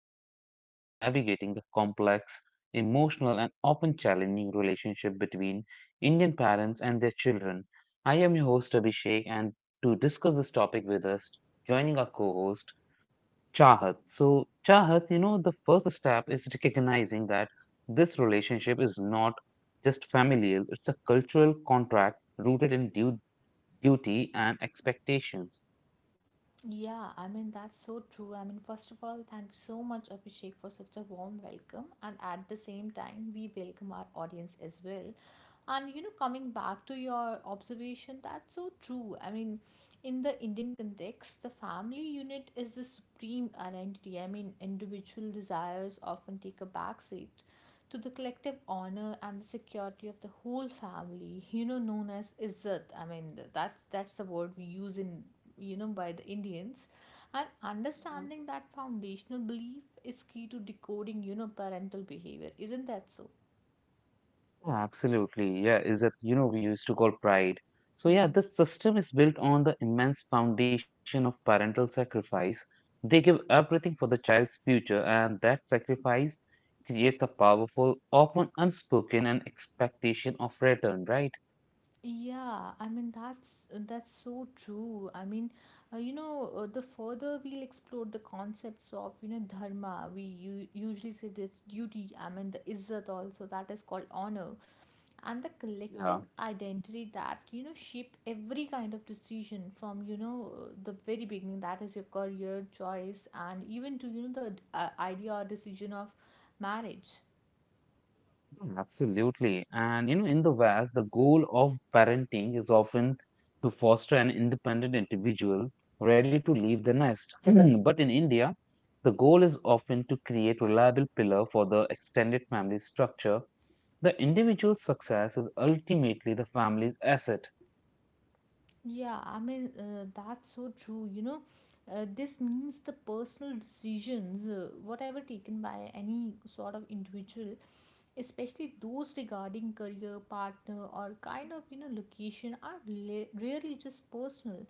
dedicated to navigating the complex, emotional, and often challenging relationship between Indian parents and their children. I am your host, Abhishek, and to discuss this topic with us, joining our co host, Chahat. So, Chahat, the first step is recognizing that this relationship is not just familial, it's a cultural contract rooted in duty and expectations. Yeah, I mean, that's so true. I mean, first of all, thank you so much, Abhishek, for such a warm welcome. And at the same time, we welcome our audience as well. And, you know, coming back to your observation, that's so true. I mean, in the Indian context, the family unit is the supreme identity. I mean, individual desires often take a backseat to the collective honor and the security of the whole family, you know, known as izzat. I mean, that's the word we use in, you know, by the Indians. And understanding that foundational belief is key to decoding, you know, parental behavior. Isn't that so? Yeah, absolutely. Yeah, is that, you know, we used to call pride. So, yeah, Mhm. this system is built on the immense foundation of parental sacrifice. They give everything for the child's future, and that sacrifice creates a powerful, often unspoken, an expectation of return, right? Yeah, I mean that's so true. I mean, you know, the further we'll explore the concepts of, you know, dharma. We usually say it's duty. I mean, the izzat also, that is called honor, and the collective Yeah. identity that, you know, shape every kind of decision from, you know, the very beginning, that is your career choice and even to, you know, the idea or decision of marriage. Mm, absolutely. And you know, in the West, the goal of parenting is often to foster an independent individual ready to leave the nest. Mhm. But in India, the goal is often to create reliable pillar for the extended family structure. The individual's success is ultimately the family's asset. Yeah, I mean that's so true, you know. This means the personal decisions, whatever taken by any sort of individual, especially those regarding career, partner, or kind of, you know, location, are rarely just personal.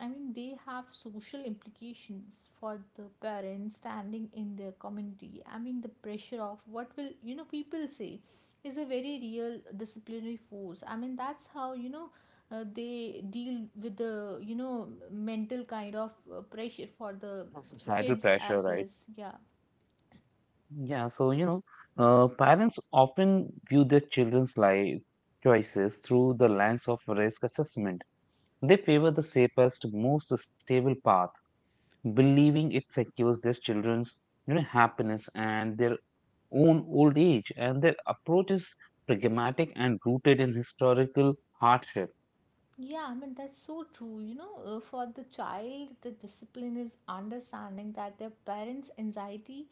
I mean, they have social implications for the parents standing in their community. I mean, the pressure of what will, you know, people say is a very real disciplinary force. I mean, that's how, you know, they deal with the, you know, mental kind of pressure for the The societal kids pressure, as well right? as, yeah. Yeah, so you know, parents often view their children's life choices through the lens of risk assessment. They favor the safest, most stable path, believing it secures their children's, you know, happiness and their own old age. And their approach is pragmatic and rooted in historical hardship. Yeah, I mean, that's so true. You know, for the child, the discipline is understanding that their parents' anxiety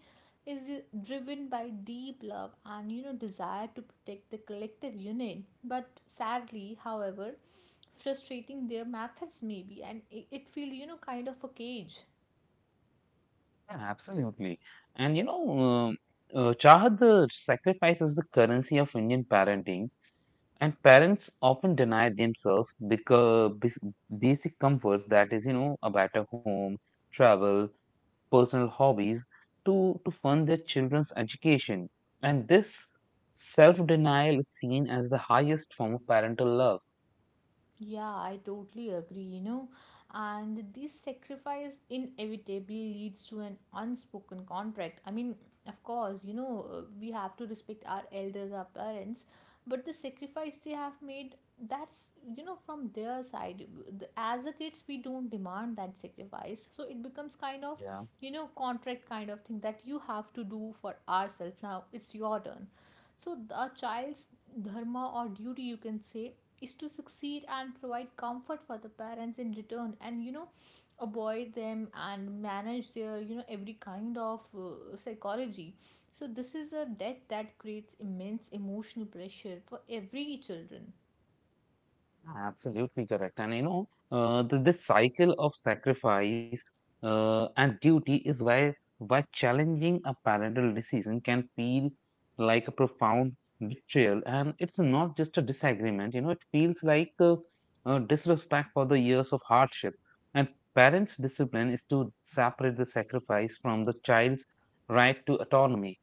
is driven by deep love and, you know, desire to protect the collective unit. But sadly, however, frustrating their methods maybe, and it feels, you know, kind of a cage. Yeah, absolutely. And you know, Chahat, the sacrifice is the currency of Indian parenting. And parents often deny themselves because basic comforts, that is, you know, a better home, travel, personal hobbies to, fund their children's education. And this self denial is seen as the highest form of parental love. Yeah, I totally agree, you know. And this sacrifice inevitably leads to an unspoken contract. I mean, of course, you know, we have to respect our elders, our parents, but the sacrifice they have made, that's, you know, from their side. As a kids, we don't demand that sacrifice. So it becomes kind of, Yeah. you know, contract kind of thing that you have to do for ourselves. Now it's your turn. So, the child's dharma or duty, you can say, is to succeed and provide comfort for the parents in return and, you know, avoid them and manage their, you know, every kind of psychology. So, this is a debt that creates immense emotional pressure for every children. Absolutely correct. And you know, this cycle of sacrifice and duty is why challenging a parental decision can feel like a profound betrayal. And it's not just a disagreement, you know, it feels like disrespect for the years of hardship. And parents' discipline is to separate the sacrifice from the child's right to autonomy.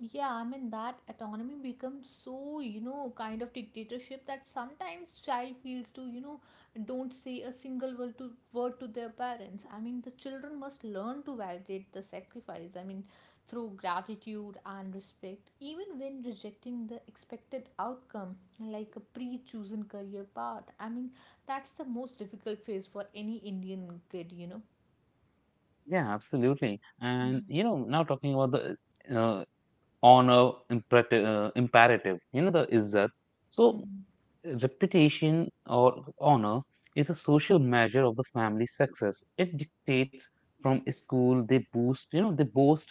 Yeah, I mean that autonomy becomes so, you know, kind of dictatorship that sometimes child feels to, you know, don't say a single word to their parents. I mean, the children must learn to validate the sacrifice. I mean, through gratitude and respect, even when rejecting the expected outcome, like a pre-chosen career path. I mean, that's the most difficult phase for any Indian kid, you know. Yeah, absolutely. And Mm-hmm. you know, now talking about the uh, honor imperative, you know, the izzat. So reputation or honor is a social measure of the family success. It dictates from school they boost you know they boast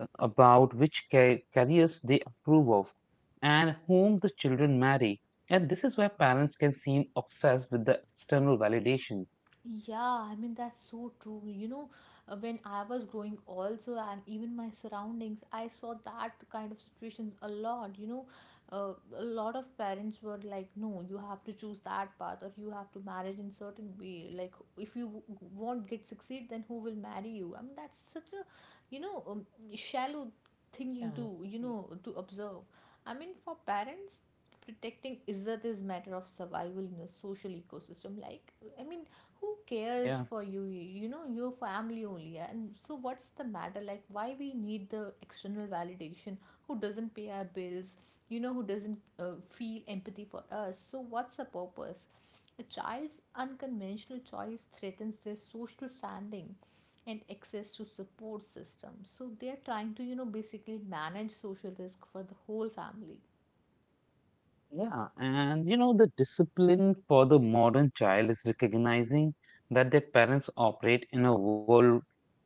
about which careers they approve of and whom the children marry. And this is where parents can seem obsessed with the external validation. Yeah, I mean, that's so true. You know, when I was growing also, and even my surroundings, I saw that kind of situations a lot. You know, a lot of parents were like, no, you have to choose that path or you have to marry in certain way. Like, if you won't get succeed, then who will marry you? I mean, that's such a, you know, shallow Yeah. thinking to, you know, to observe. I mean, for parents, protecting izzat is matter of survival in a social ecosystem. Like, I mean, who Yeah. cares for you, you know, your family only? And so what's the matter? Like, why we need the external validation? Who doesn't pay our bills, you know? Who doesn't feel empathy for us? So what's the purpose? A child's unconventional choice threatens their social standing and access to support systems, so they are trying to, you know, basically manage social risk for the whole family. Yeah, and you know, the discipline for the modern child is recognizing that their parents operate in a world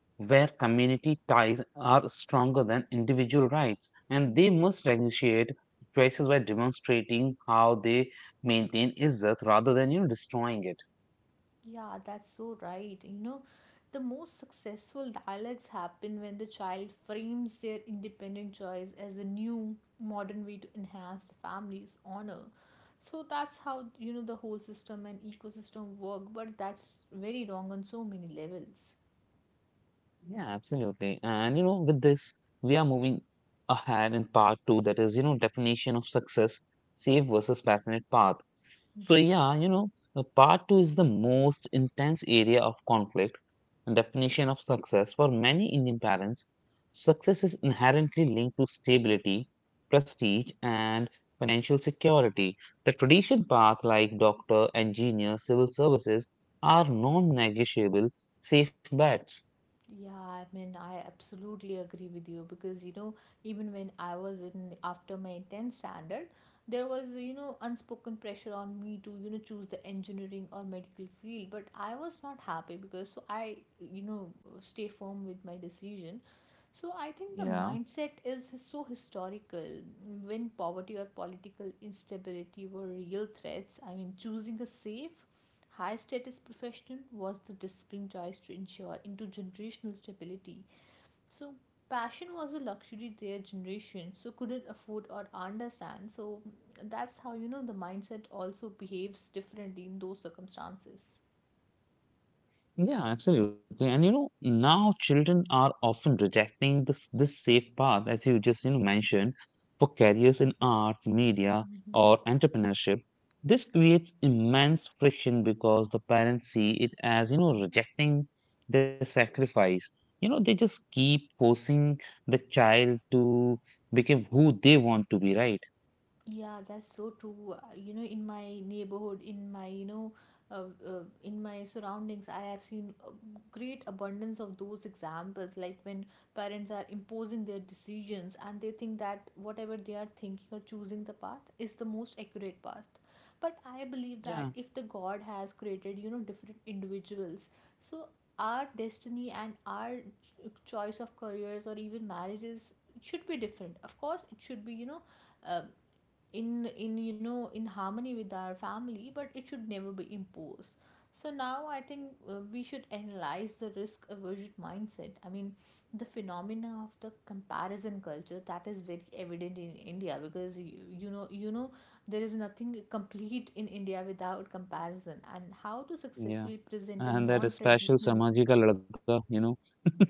where community ties are stronger than individual rights, and they Mm-hmm. must differentiate choices by demonstrating how they maintain izzat rather than, you know, destroying it. Yeah, that's so right, you know. The most successful dialogues happen when the child frames their independent choice as a new modern way to enhance the family's honor. So that's how, you know, the whole system and ecosystem work, but that's very wrong on so many levels. Yeah, absolutely. And you know, with this, we are moving ahead in part two, that is, you know, definition of success, safe versus passionate path. So Mm-hmm. yeah, you know, part two is the most intense area of conflict and definition of success for many Indian parents. Success is inherently linked to stability, prestige, and financial security. The traditional path like doctor, engineer, civil services are non-negotiable safe bets. Yeah, I mean, I absolutely agree with you because, you know, even when I was in after my 10th standard, there was, you know, unspoken pressure on me to, you know, choose the engineering or medical field, but I was not happy because so I, you know, stay firm with my decision. So I think the Yeah. mindset is so historical. When poverty or political instability were real threats, I mean, choosing a safe high status profession was the discipline choice to ensure into generational stability. So passion was a luxury their generation so couldn't afford or understand. So that's how, you know, the mindset also behaves differently in those circumstances. Yeah, absolutely. And you know, now children are often rejecting this safe path, as you just, you know, mentioned, for careers in arts, media, Mhm. or entrepreneurship. This creates immense friction because the parents see it as, you know, rejecting the sacrifice. You know, they just keep forcing the child to become who they want to be, right? Yeah, that's so true. You know, in my neighborhood, in my, you know, in my surroundings, I have seen a great abundance of those examples. Like when parents are imposing their decisions and they think that whatever they are thinking or choosing the path is the most accurate path. But I believe that Yeah, if the God has created, you know, different individuals, so our destiny and our choice of careers or even marriages should be different. Of course, it should be, you know, uh, in, you know, in harmony with our family, but it should never be imposed. So now I think, we should analyze the risk aversion mindset. I mean, the phenomena of the comparison culture, that is very evident in India, because you know, there is nothing complete in India without comparison, and how to yeah. successfully present a And non that special traditional. Samaji ka ladka, you know.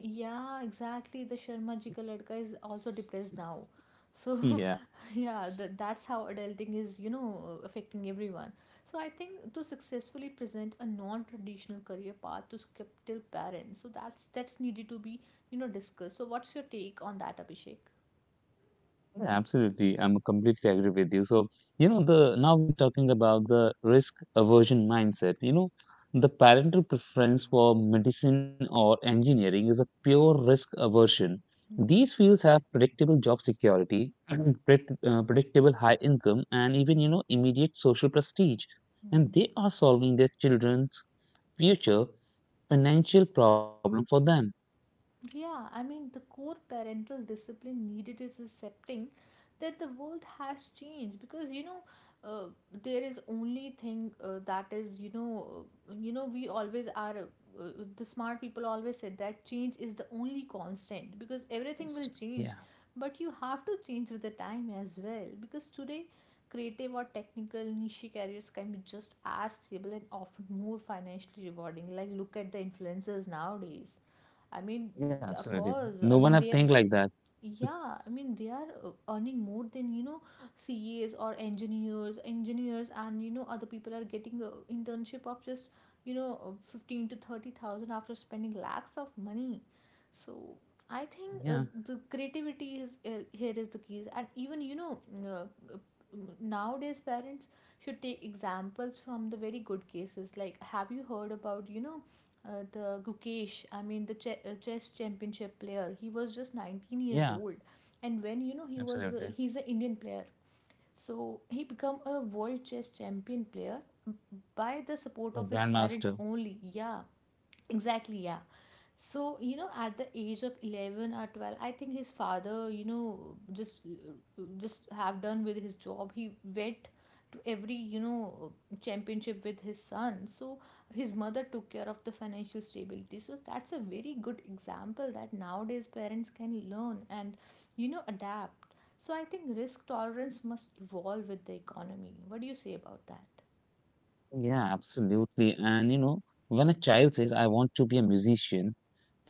Yeah, exactly. The Sharma ji ka ladka is also depressed now. So, Yeah. yeah, that's how adulting is, you know, affecting everyone. So, I think to successfully present a non-traditional career path to skeptical parents, so that's needed to be, you know, discussed. So, what's your take on that, Abhishek? Yeah, absolutely. I'm completely agree with you. So, you know, the now we are talking about the risk aversion mindset. You know, the parental preference for medicine or engineering is a pure risk aversion. Mm-hmm. These fields have predictable job security, predictable high income, and even, you know, immediate social prestige. Mm-hmm. And they are solving their children's future financial problem for them. Yeah, I mean, the core parental discipline needed is accepting that the world has changed, because, you know, uh, there is only thing that is, you know, you know, we always are the smart people always said that change is the only constant, because Yes. everything will change, Yeah, but you have to change with the time as well, because today creative or technical niche careers can be just as stable and often more financially rewarding, like look at the influencers nowadays. I mean, yeah, of absolutely. course. I No one mean, have they, think like that. yeah, I mean, they are earning more than, you know, CAs or engineers, and, you know, other people are getting the internship of just, you know, 15 to 30,000 after spending lakhs of money. So I think, Yeah, the creativity is here is the key. And even, you know, uh, uh, nowadays parents should take examples from the very good cases. Like, have you heard about, you know, the Gukesh, I mean the chess championship player. He was just 19 years yeah. old, and when, you know, he was Absolutely. he's an Indian player, so he become a world chess champion player by the support of Your his grandmas parents too. only. Yeah, exactly, yeah. So, you know, at the age of 11 or 12, I think his father, you know, just have done with his job. He went to every, you know, championship with his son. So, his mother took care of the financial stability. So, that's a very good example that nowadays parents can learn and, you know, adapt. So, I think risk tolerance must evolve with the economy. What do you say about that? Yeah, absolutely. And you know, when a child says, I want to be a musician,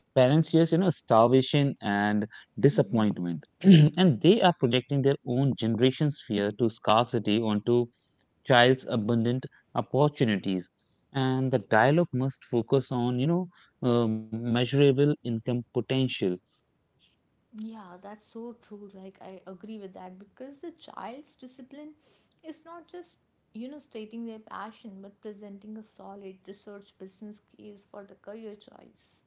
parents hear, you know, starvation and disappointment. And they are projecting their own generation's fear to scarcity onto child's abundant opportunities. And the dialogue must focus on, you know, measurable income potential. Yeah, that's so true. Like, I agree with that because the child's discipline is not just, you know, stating their passion, but presenting a solid research business case for the career choice.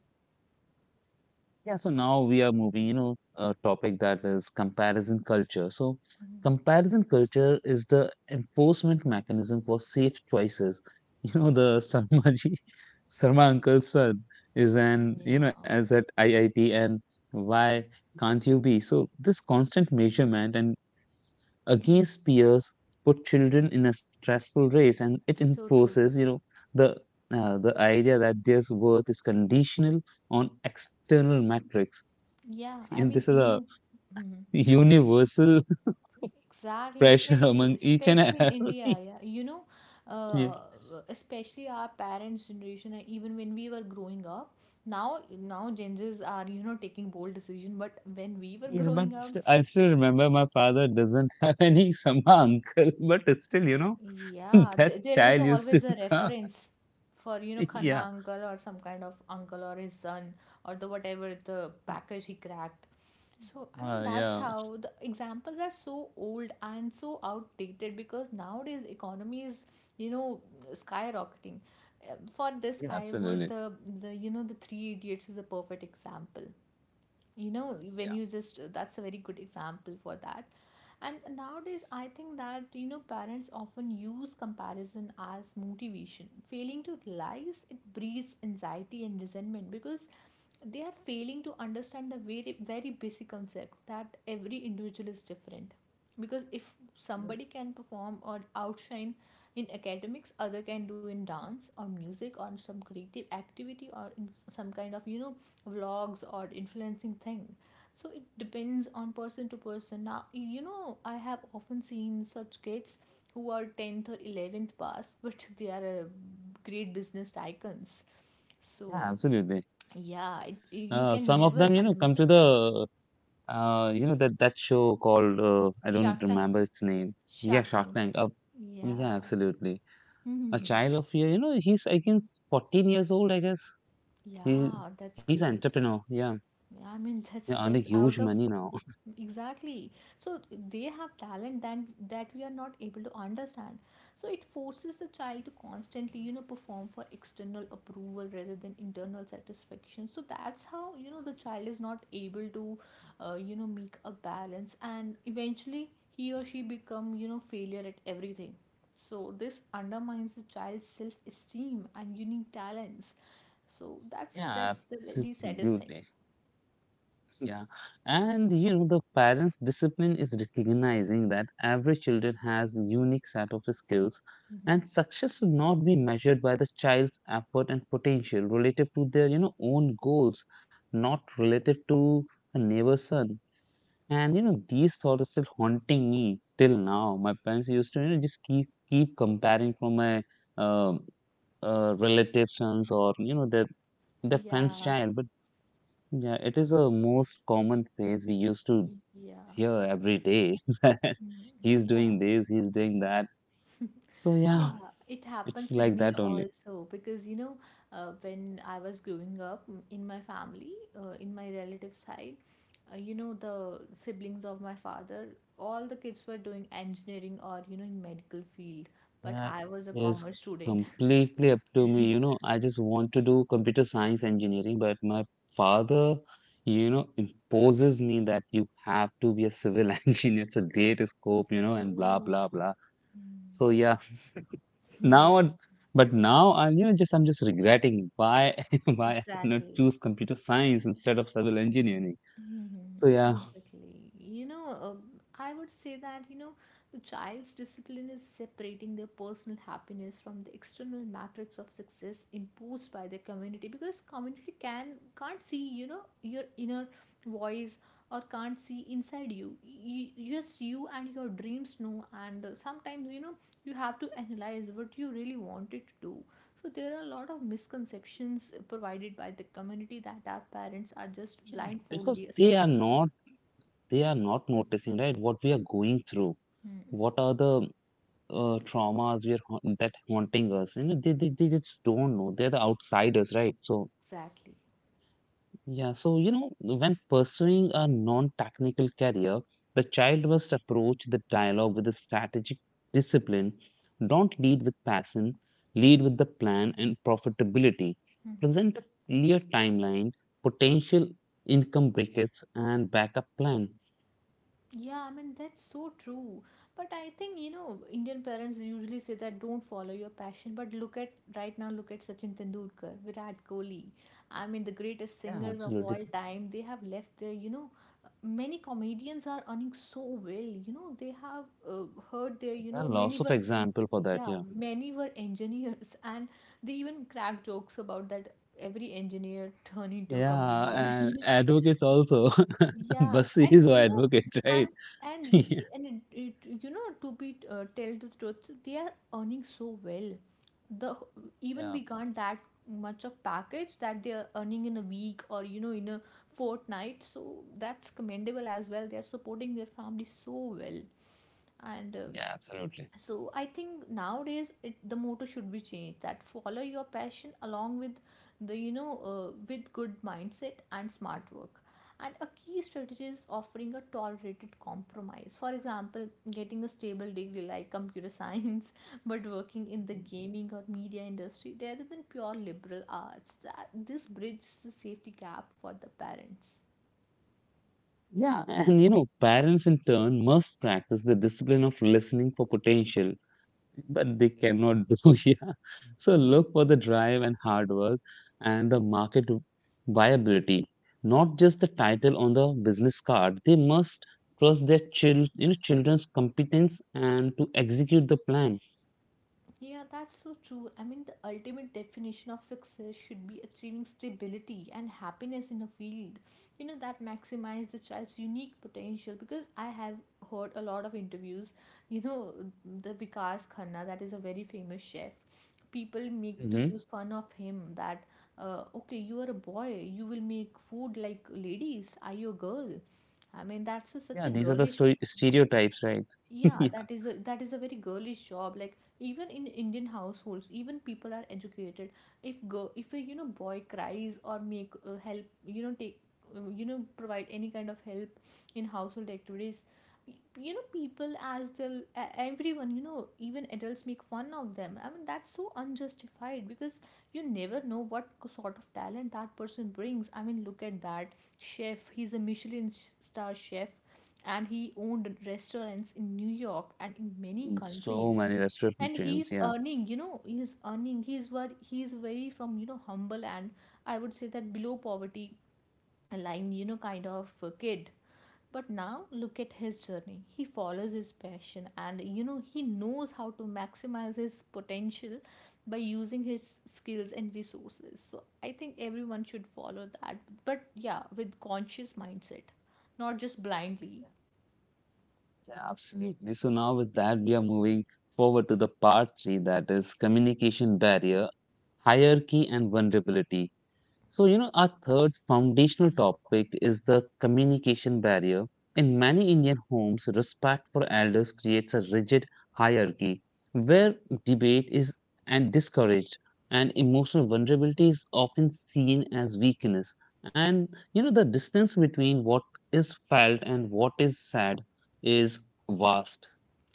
Yeah, so now we are moving, you know, a topic that is comparison culture. So, Mhm. comparison culture is the enforcement mechanism for safe choices. You know, the Sarma uncle's son is an, Yeah, you know, as at IIT, and why can't you be? So, this constant measurement and against peers put children in a stressful race, and it so true. enforces, you know, the the idea that their worth is conditional on external metrics. Yeah, I And this mean, is you a know, universal exactly, pressure especially among each and especially in India, every. yeah. You know, Yeah. uh, especially our parents' generation, and even when we were growing up, now now Gen Zs are, you know, taking bold decision. But when we were Yeah, but growing up, I still remember my father doesn't have any Sama uncle, but it's still, you know, yeah, that there was child used to always a come. reference for, you know, Khanna Yeah. uncle or some kind of uncle or his son or the whatever the package he cracked. So, I mean, that's Yeah. how the examples are so old and so outdated because nowadays economy is, you know, skyrocketing. For this, Yeah. I would Absolutely. the the Three Idiots is a perfect example. You know when Yeah. you just That's a very good example for that. And nowadays I think that, you know, parents often use comparison as motivation, failing to realize it breeds anxiety and resentment, because they are failing to understand the very basic concept that every individual is different. Because if somebody can perform or outshine in academics, other can do in dance or music or some creative activity, or in some kind of, you know, vlogs or influencing thing. So it depends on person to person. Now, you know, I have often seen such kids who are 10th or 11th pass but they are, great business icons. So Yeah, absolutely. yeah, you can Some of never them, you know, come to underestimate. the, you know, that, that show called, I Shark don't Tank. remember its name. Yeah, Shark Shark Tank. Tank. Yeah, Yeah. absolutely. Hmm. A child of, here, you know, he's, I guess, 14 years old, I guess. He's Yeah, that's he's an great. entrepreneur. Yeah, Yeah, I mean that's yeah, earning huge out of money now. exactly. So they have talent that we are not able to understand. So it forces the child to constantly, you know, perform for external approval rather than internal satisfaction. So that's how, you know, the child is not able to, you know, make a balance, and eventually he or she become, you know, failure at everything. So this undermines the child's self-esteem and unique talents. So that's Yeah, that's the very saddest thing. absolutely. Yeah, and you know the parents' discipline is recognizing that every children has unique set of skills, Mhm. and success should not be measured by the child's effort and potential relative to their, you know, own goals, not relative to a neighbor's son. And you know these thoughts are still haunting me till now. My parents used to, you know, just keep comparing from my um relatives or, you know, their friend's Yeah, child. But yeah, it is a most common phrase we used to yeah, hear every day that Mhm, he's doing yeah. this, he's doing that. So yeah, Yeah. It it's happens with like me that only. also, because you know, when I was growing up in my family, in my relative side, you know, the siblings of my father, all the kids were doing engineering or, you know, in medical field, but Yeah, I was a it is commerce student. completely up to me. You know, I just want to do computer science engineering, but my father, you know, imposes me that you have to be a civil engineer. It's a greater scope, you know, and blah Oh. blah blah. Mm. So yeah. now Yeah, it- but now I'm, you know, just I'm just regretting why why I did not choose exactly. computer science instead of civil engineering. Mhm. So yeah. Exactly. You know, I would say that, you know, the child's discipline is separating their personal happiness from the external matrix of success imposed by the community, because community can't see, you know, your inner voice, or can't see inside you. Just you and your dreams know, and sometimes, you know, you have to analyze what you really wanted to do. So there are a lot of misconceptions provided by the community that our parents are just Yeah, because blindfoldly they are accepting. not they are not noticing, right, what we are going through, Hmm. what are the traumas we are that haunting us. You know, they just don't know, they're the outsiders, right? So Exactly. yeah, so you know, when pursuing a non-technical career, the child must approach the dialogue with a strategic discipline. Don't lead with passion, lead with the plan and profitability. Hmm. Present a clear timeline, potential income brackets, and backup plan. Yeah, I mean that's so true. But I think, you know, Indian parents usually say that don't follow your passion. But look at right now, look at Sachin Tendulkar, Virat Kohli. I mean the greatest Yeah, singers of absolutely. all time. They have left their, you know, many comedians are earning so well. You know they have, heard their, you There are know, lots many of were. example for that, Yeah, yeah. many were engineers, and they even crack jokes about that, every engineer turned into a Yeah, comedian. and advocates also. Yeah, Busy and is our you know, advocate, right? and Yeah, and you know, to be tell the truth, they are earning so well. The even we got that much of package that they are earning in a week, or you know, in a fortnight. So that's commendable as well. They are supporting their family so well, and yeah, absolutely. so I think nowadays the motto should be changed, that follow your passion along with the you know, with good mindset and smart work. And a key strategy is offering a tolerated compromise, for example getting a stable degree like computer science but working in the gaming or media industry rather than pure liberal arts. That this bridges the safety gap for the parents. Yeah, and you know, parents in turn must practice the discipline of listening for potential, but they cannot do. Yeah. So Hmm. look for the drive and hard work and the market viability, not just the title on the business card. They must trust their child, you know, children's competence and to execute the plan. Yeah, that's so true. I mean, the ultimate definition of success should be achieving stability and happiness in a field, you know, that maximize the child's unique potential. Because I have heard a lot of interviews, you know, the Vikas Khanna, that is a very famous chef. People make to Hmm. use fun of him that, okay, you are a boy, you will make food like ladies. Are you a girl? I mean, that's a, such Yeah, a these are the girlish. Stereotypes, right? Yeah, Yeah. that is a very girlish job. Like even in Indian households, even people are educated. If a, you know, boy cries, or make help, you know, take you know, provide any kind of help in household activities, you know, people as the everyone, you know, even adults make fun of them. I mean that's so unjustified, because you never know what sort of talent that person brings. I mean, look at that chef, he's a Michelin star chef, and he owned restaurants in New York and in many So countries. many And restaurant chains. Yeah. He's earning, he's very from, you know, humble, and I would say that below poverty line, you know, kind of a kid. But now look at his journey. He follows his passion, and you know, he knows how to maximize his potential by using his skills and resources. So I think everyone should follow that. But yeah, with conscious mindset, not just blindly. Yeah, absolutely. So now with that, we are moving forward to the part three, that is communication barrier, hierarchy and vulnerability. So, you know, our third foundational topic is the communication barrier. In many Indian homes, respect for elders creates a rigid hierarchy where debate is and discouraged and emotional vulnerability is often seen as weakness. And you know, the distance between what is felt and what is said is vast.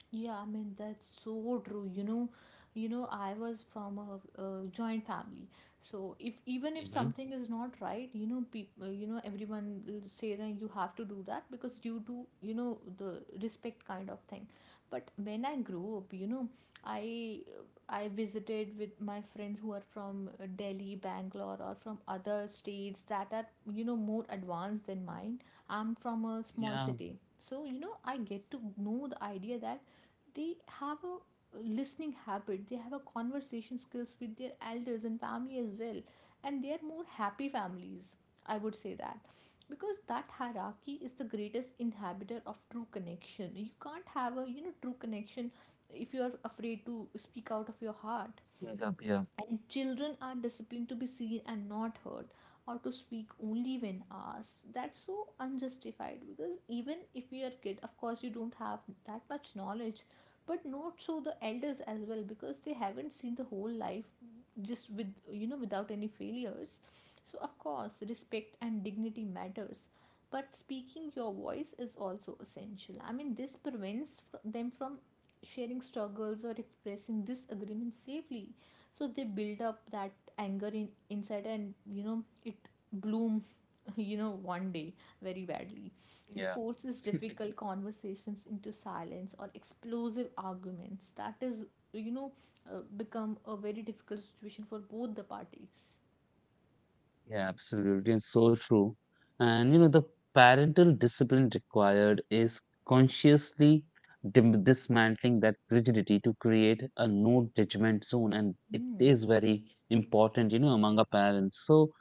Yeah, I mean that's so true. You know, I was from a, joint family. So if even if Hmm. something is not right, you know, people, you know, everyone will say that you have to do that, because due to, you know, the respect kind of thing. But when I grew up, you know, I I visited with my friends who are from, Delhi, Bangalore, or from other states that are, you know, more advanced than mine. I'm from a small Yeah, city. So, you know, I get to know the idea that they have a listening habit, they have a conversation skills with their elders and family as well, and they are more happy families, I would say that, because that hierarchy is the greatest inhibitor of true connection. You can't have a, you know, true connection if you are afraid to speak out of your heart. sneak up here. And children are disciplined to be seen and not heard, or to speak only when asked. That's so unjustified, because even if you are a kid, of course you don't have that much knowledge, but not so the elders as well, because they haven't seen the whole life just with, you know, without any failures. So of course respect and dignity matters, but speaking your voice is also essential. I mean, this prevents them from sharing struggles or expressing disagreements safely. So they build up that anger inside, and you know, it bloom you know, one day very badly. It Yeah. forces difficult conversations into silence or explosive arguments, that is, you know, become a very difficult situation for both the parties. Yeah, absolutely. And so true. And you know, the parental discipline required is consciously dim dismantling that rigidity to create a no judgment zone. And it Hmm. is very important, you know, among our parents. So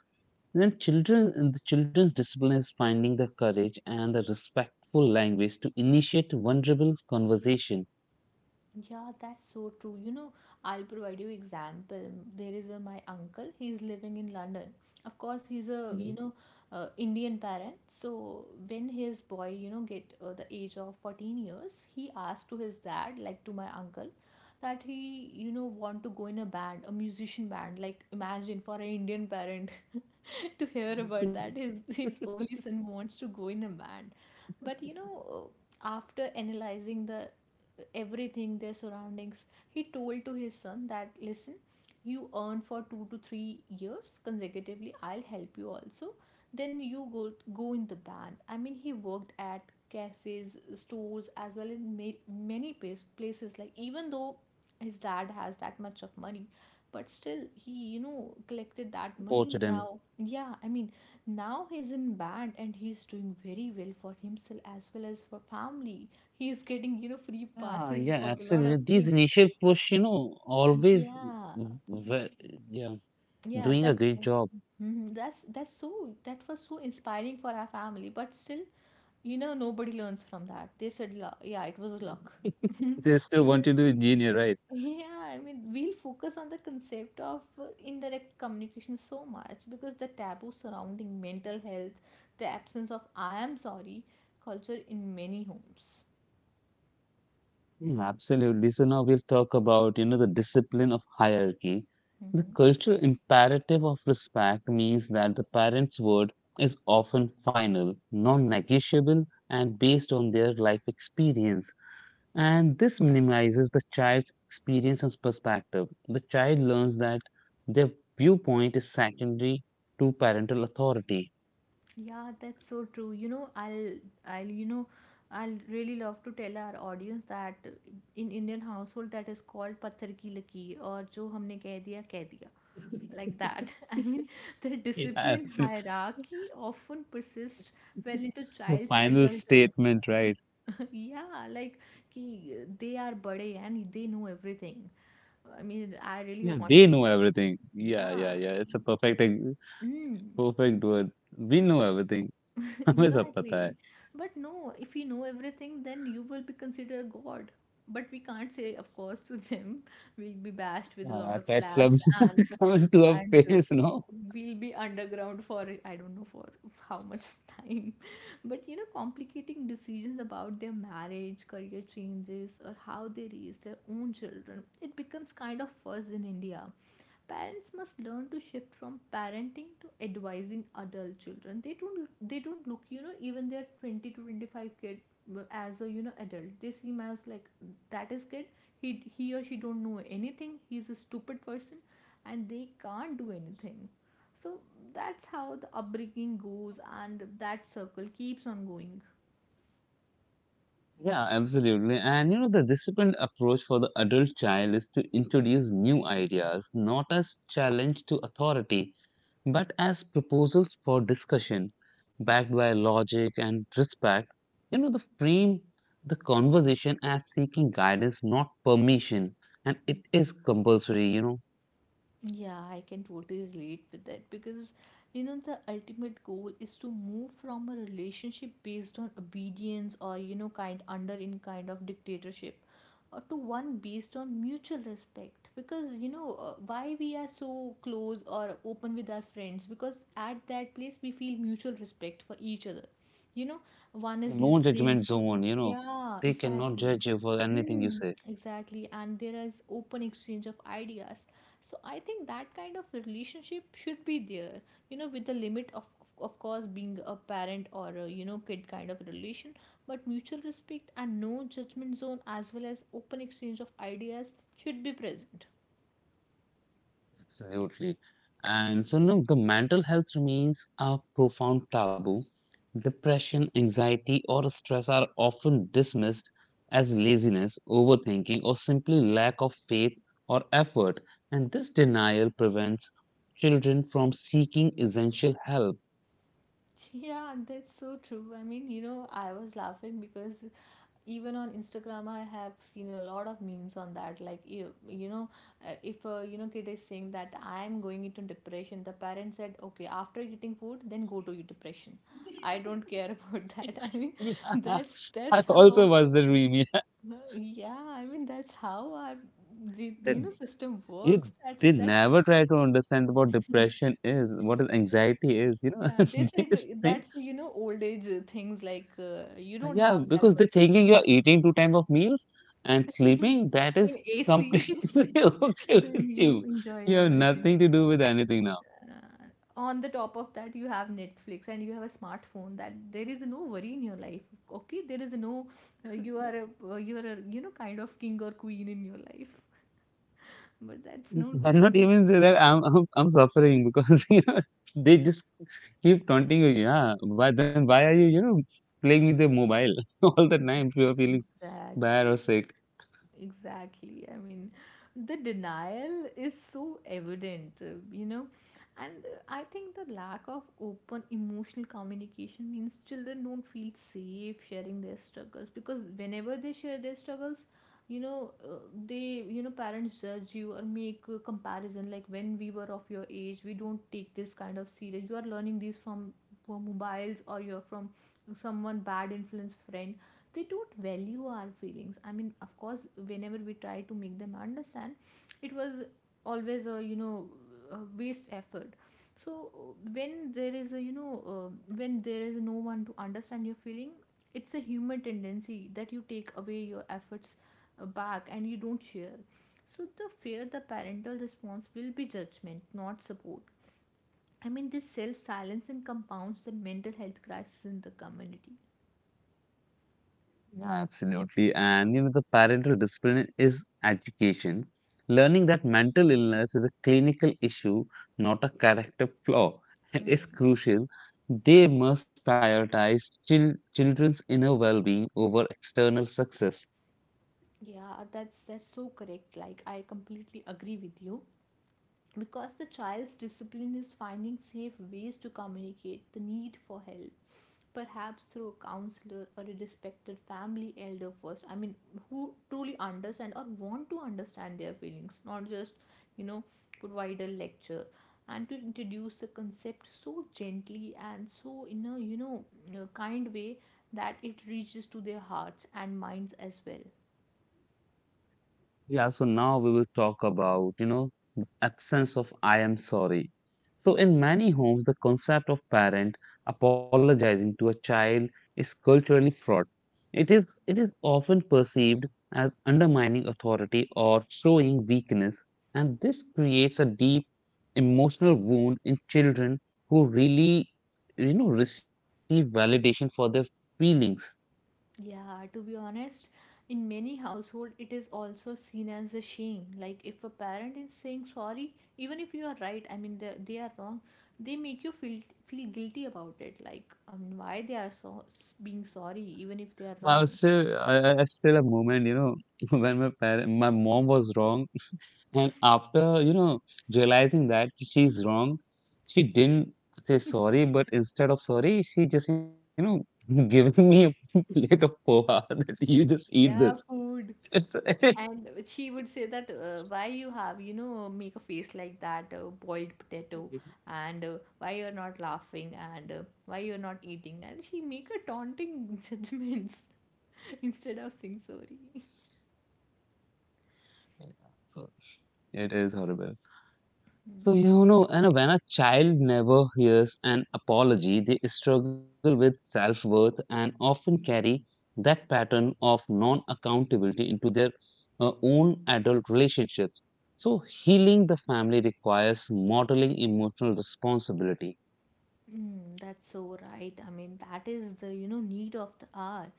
then children, and the children's discipline is finding the courage and the respectful language to initiate vulnerable conversation. Yeah, that's so true. You know, I'll provide you example. There is a my uncle. He's living in London. Of course, he's a, you Mhm. know, Indian parent. So when his boy, you know, get, the age of 14 years, he asked to his dad, like to my uncle, that he, you know, want to go in a band, a musician band. Like imagine for an Indian parent. Sad to hear about that. His only son wants to go in a band. But you know, after analyzing the everything, their surroundings, he told to his son that listen, you earn for 2 to 3 years consecutively. I'll help you also. Then you go in the band. I mean, he worked at cafes, stores, as well as many places. Like even though his dad has that much of money, but still he, you know, collected that money. Support to them. Now yeah, I mean, now he's in band and he's doing very well for himself as well as for family. He's getting, you know, free Yeah, passes yeah, for a lot of absolutely. These things. initial push, you know, always, Yeah, w- w- yeah. yeah, Doing that's. a great job. Mhm, that's so that was so inspiring for our family, but still, you know, nobody learns from that. They said, "Lu-, yeah, it was luck." They still want you to engineer, right? Yeah, I mean, we'll focus on the concept of, indirect communication so much, because the taboo surrounding mental health, the absence of I am sorry culture in many homes. Mm, absolutely. So now we'll talk about, you know, the discipline of hierarchy. The Hmm. cultural imperative of respect means that the parent's word is often final, non-negotiable, and based on their life experience. And this minimizes the child's experience and perspective. The child learns that their viewpoint is secondary to parental authority. Yeah, that's so true. You know, I'll, you know, I'll really love to tell our audience that in Indian household that is called पत्थर की लकीर और जो हमने कह दिया like that. I mean, the Yeah, discipline hierarchy often persists well into the child's final adulthood. statement, right? Yeah, like ki they are bade and they know everything. I mean I really Yeah, they wanted know to, everything. Yeah, yeah. yeah, yeah. It's a Mm. perfect word. We know everything. हमें सब पता है. Exactly. But no, if you know everything, then you will be considered god. But we can't say, of course, to them. We'll be bashed with a lot of That's love slaps, and coming to our and uh, face, no? we'll be underground for I don't know for how much time. But you know, complicating decisions about their marriage, career changes, or how they raise their own children, it becomes kind of fuzz in India. Parents must learn to shift from parenting to advising adult children. They don't look, you know, even their 20 to 25 kid as a, you know, adult, they see him as like, that is kid. He he or she don't know anything, he's a stupid person. And they can't do anything. So that's how the upbringing goes, and that circle keeps on going. Yeah, absolutely. And you know, the disciplined approach for the adult child is to introduce new ideas, not as challenge to authority, but as proposals for discussion, backed by logic and respect. You know, the frame the conversation as seeking guidance, not permission. And it is compulsory, you know, Yeah, I can totally relate with that, because you know, the ultimate goal is to move from a relationship based on obedience, or you know, kind under in kind of dictatorship, or to one based on mutual respect, because you know, why we are so close or open with our friends, because at that place we feel mutual respect for each other. You know, one is no listening. judgment zone, you know, Yeah, they cannot exactly. judge you for anything you Mm, say. exactly. And there is open exchange of ideas. So I think that kind of relationship should be there, you know, with the limit of course, being a parent or a, you know, kid kind of relation, but mutual respect and no judgment zone, as well as open exchange of ideas, should be present. Absolutely. And so now the mental health remains a profound taboo. Depression, anxiety, or stress are often dismissed as laziness, overthinking, or simply lack of faith or effort. And this denial prevents children from seeking essential help. Yeah, that's so true. I mean, you know, I was laughing because even on Instagram, I have seen a lot of memes on that. Like, if a, kid is saying that I'm going into depression, the parent said, okay, after eating food, then go to your depression. I don't care about that. I mean, Yeah, that's I that's also how. was the remedy. Yeah, I mean, that's how our the, They, you know, system they works. That's they that's never try to understand what depression is, what is anxiety is. You know, Yeah, they said, they just think. that's, you know, old age things like, you don't Yeah, have that because much they're thinking food. you're eating two time of meals and sleeping. That In is AC, completely okay then with you you. enjoy You have everything. nothing to do with anything now. Uh, on the top of that, you have Netflix and you have a smartphone, that there is no worry in your life. Okay, there is no, you are a, you know, kind of king or queen in your life, but that's not I'll not true. even say that I'm suffering because you know they just keep taunting you. Yeah, why then why are you you know playing with the mobile all the time if you are feeling Exactly. bad or sick? Exactly. I mean, the denial is so evident, you know, and I think the lack of open emotional communication means children don't feel safe sharing their struggles, because whenever they share their struggles, you know, you know, parents judge you or make a comparison like when we were of your age, we don't take this kind of serious. You are learning these from mobiles, or you're from someone bad influence friend. They don't value our feelings. I mean, of course, whenever we try to make them understand, it was always a you know a waste effort. So when there is a you know uh, when there is no one to understand your feeling, it's a human tendency that you take away your efforts back, and you don't share. So the fear, the parental response will be judgment, not support. I mean, this self silencing compounds the mental health crisis in the community. Yeah, absolutely. And you know the parental discipline is education. Learning that mental illness is a clinical issue, not a character flaw, and is crucial. They must prioritize children's inner well being over external success. Yeah, that's so correct. Like I completely agree with you, because the child's discipline is finding safe ways to communicate the need for help, perhaps through a counselor or a respected family elder first. I mean, who truly understand or want to understand their feelings, not just, you know, provide a lecture. And to introduce the concept so gently and so in a you know a kind way, that it reaches to their hearts and minds as well. Yeah, so now we will talk about, you know, the absence of I am sorry. So, in many homes, the concept of parent apologizing to a child is culturally fraught. It is often perceived as undermining authority or showing weakness, and this creates a deep emotional wound in children who really, you know, receive validation for their feelings. Yeah, to be honest, in many households, it is also seen as a shame. Like if a parent is saying sorry, even if you are right, I mean they are wrong, they make you feel guilty about it. Like, why they are so being sorry, even if they I are was wrong. still, I still a moment, you know, when my parent, my mom was wrong, and after, you know, realizing that she's wrong, she didn't say sorry, but instead of sorry, she just, you know, giving me a plate of poha that you just eat Yeah, this. food. It's And she would say that, why you have, you know, make a face like that, boiled potato, and, why you're not laughing, and, why you're not eating, and she make a taunting judgments instead of saying sorry. so it is horrible. So, you know, and when a child never hears an apology, they struggle with self worth and often carry that pattern of non accountability into their own adult relationships. So, healing the family requires modeling emotional responsibility. Mm, that's so right. I mean, that is the, you know, need of the hour,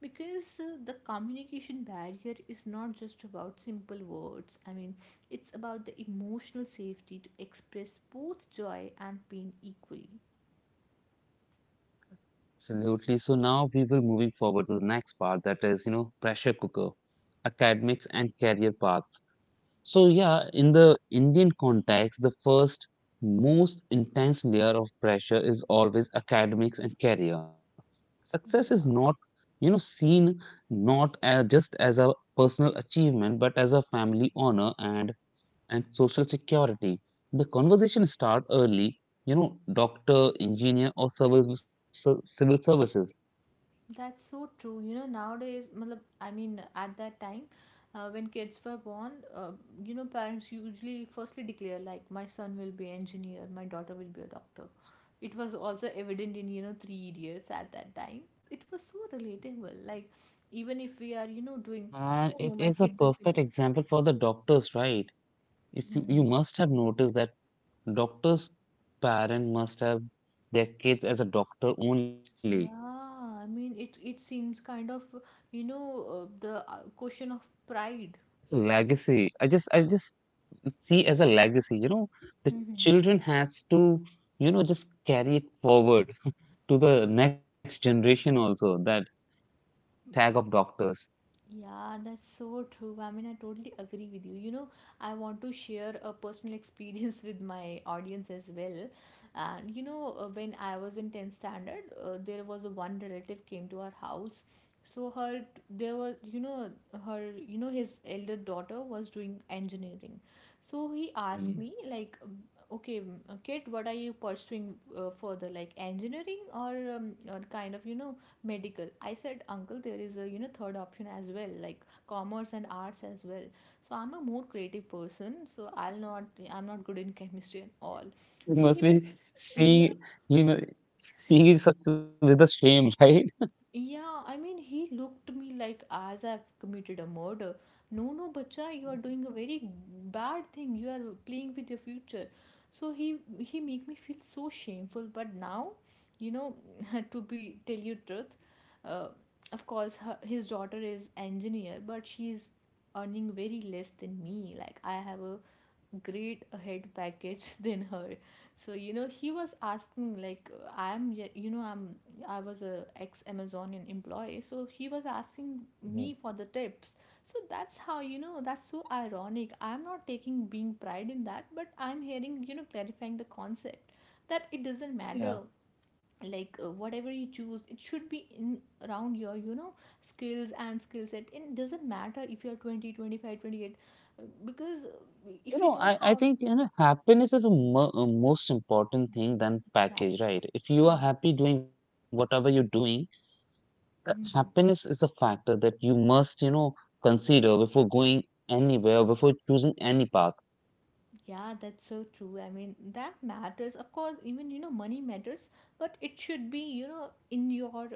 because the communication barrier is not just about simple words. I mean, it's about the emotional safety to express both joy and pain equally. Absolutely. So, now we will moving forward to the next part that is, you know, pressure cooker, academics, and career paths. So yeah, in the Indian context, the first most intense layer of pressure is always academics and career. Success is not, you know, seen not as just as a personal achievement, but as a family honor and social security. The conversation start early, you know, doctor, engineer, or civil services, That's so true. You know, nowadays, matlab, I mean, at that time, when kids were born, you know, parents usually firstly declare like, my son will be engineer, my daughter will be a doctor. It was also evident in, you know, Three Idiots at that time. It was so relatable. Like, even if we are, you know, doing, and no, it no, is my a kid will be perfect like, example for the doctors, right? If you, you hmm. must have noticed that doctors' parent must have their kids as a doctor only. Yeah, I mean, it seems kind of, you know, the question of pride. It's a legacy. I just see as a legacy. You know, the Hmm. children has to you know just carry it forward to the next generation also. That tag of doctors. Yeah, that's so true. I mean, I totally agree with you. You know, I want to share a personal experience with my audience as well. And you know, when I was in 10th standard, there was a one relative came to our house. So there was, you know, his elder daughter was doing engineering. So he asked Mm. me like, okay, kid, what are you pursuing further, like engineering or kind of, you know, medical. I said, uncle, there is a, you know, third option as well, like commerce and arts as well. So I'm a more creative person, so I'm not good in chemistry and all. You So must he made, be yeah. seeing you know seeing it such with a shame, right? Yeah, I mean, he looked to me like as I've committed a murder. No, no, bacha, you are doing a very bad thing. You are playing with your future. So he make me feel so shameful. But now, you know, to be tell you truth, uh, of course, his daughter is engineer, but she is earning very less than me. Like I have a great head package than her. So, you know, he was asking like, I'm you know I'm I was a ex amazonian employee, so he was asking me for the tips. So that's how, you know, that's so ironic. I'm not taking being pride in that, but I'm hearing, you know, clarifying the concept that it doesn't matter. Like, whatever you choose, it should be in around your, you know, skills and skill set, and it doesn't matter if you're 20 25 28, because if You you know, don't I have. think you know happiness is a most important thing than Exactly. package, right? If Yeah. you are happy doing whatever you're doing. Mhm. Happiness is a factor that you must, you know, consider before going anywhere, before choosing any path. Yeah, that's so true. I mean, that matters. Of course, even you know, money matters, but it should be, you know, in your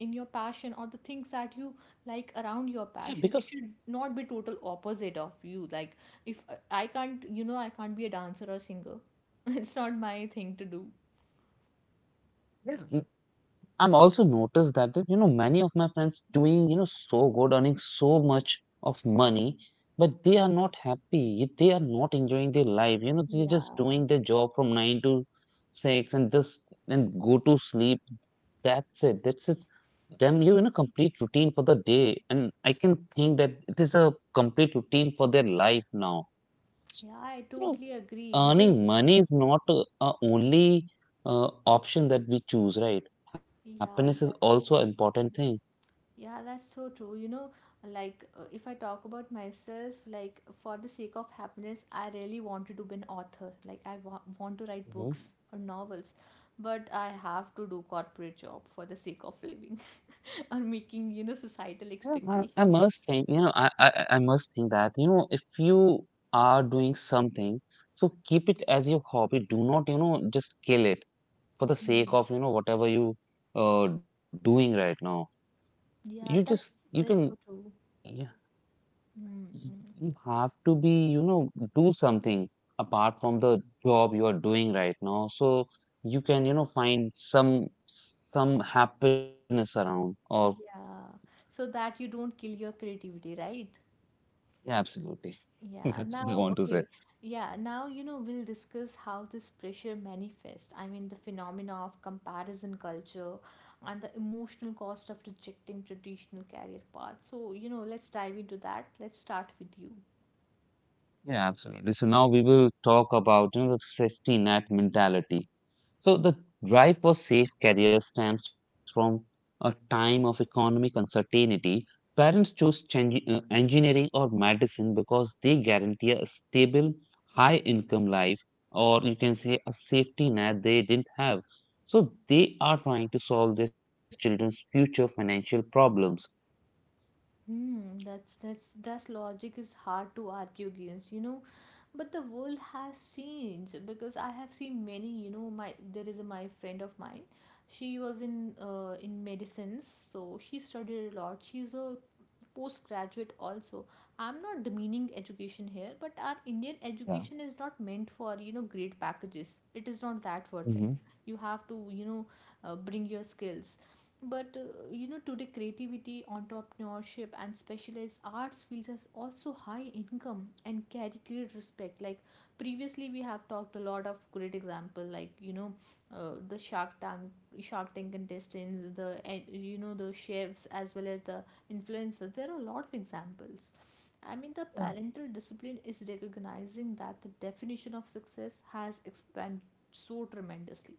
passion or the things that you like around your Yeah, passion. It because should not be total opposite of you. Like if I can't be a dancer or singer. It's not my thing to do. yeah, I'm also noticed that that, you know many of my friends doing you know so good, earning so much of money, but they are not happy. They are not enjoying their life. You know, they're just Yeah. doing their job from nine to sakes and this, and go to sleep. That's it. That's it. Them, you're in a complete routine for the day. And I can think that it is a complete routine for their life now. So, Yeah, I you know, totally agree, because earning money is not a only option that we choose, right? Happiness is yeah, also an that's. important thing. Yeah, that's so true. You know, like, if I talk about myself, like for the sake of happiness, I really wanted to be an author. Like I wa want to write Mhm. books or novels, but I have to do corporate job for the sake of living, or making, you know, Yeah, societal I must expectations. think, you know, I must think that, you know, if you are doing something, so keep it as your hobby. Do not, you know, just kill it, for the sake Mhm. of you know whatever you doing right now. You just Yeah, that's you can that's so true. yeah Mm. Mm. y- you have to be you know do something apart from the job you are doing right now, so you can you know find some happiness around or Yeah, so that you don't kill your creativity, right? yeah absolutely. Yeah, That's what I now, want to say. okay. Yeah, now, you know, we'll discuss how this pressure manifests. I mean, the phenomena of comparison culture and the emotional cost of rejecting traditional career paths. So, you know, let's dive into that. Let's start with you. Yeah, absolutely. So now we will talk about you know the safety net mentality. So the drive for safe careers stems from a time of economic uncertainty. Parents chose engineering or medicine because they guarantee a stable, high income life, or you can say a safety net they didn't have. So they are trying to solve their children's future financial problems. Hmm, that's logic is hard to argue against, you know. But the world has changed, because I have seen many, you know, my there is a my friend of mine. She was in medicines, so she studied a lot. She's a postgraduate also. I'm not demeaning education here, but our Indian Yeah. education is not meant for, you know, great packages. It is not that worth it. Hmm. You have to, you know, bring your skills, but you know, today creativity, entrepreneurship, and specialized arts fields has also high income and carry great respect, like previously we have talked a lot of great example, like, you know, the shark tank contestants, the, you know, the chefs as well as the influencers. There are a lot of examples. I mean, the Yeah. parental discipline is recognizing that the definition of success has expanded so tremendously.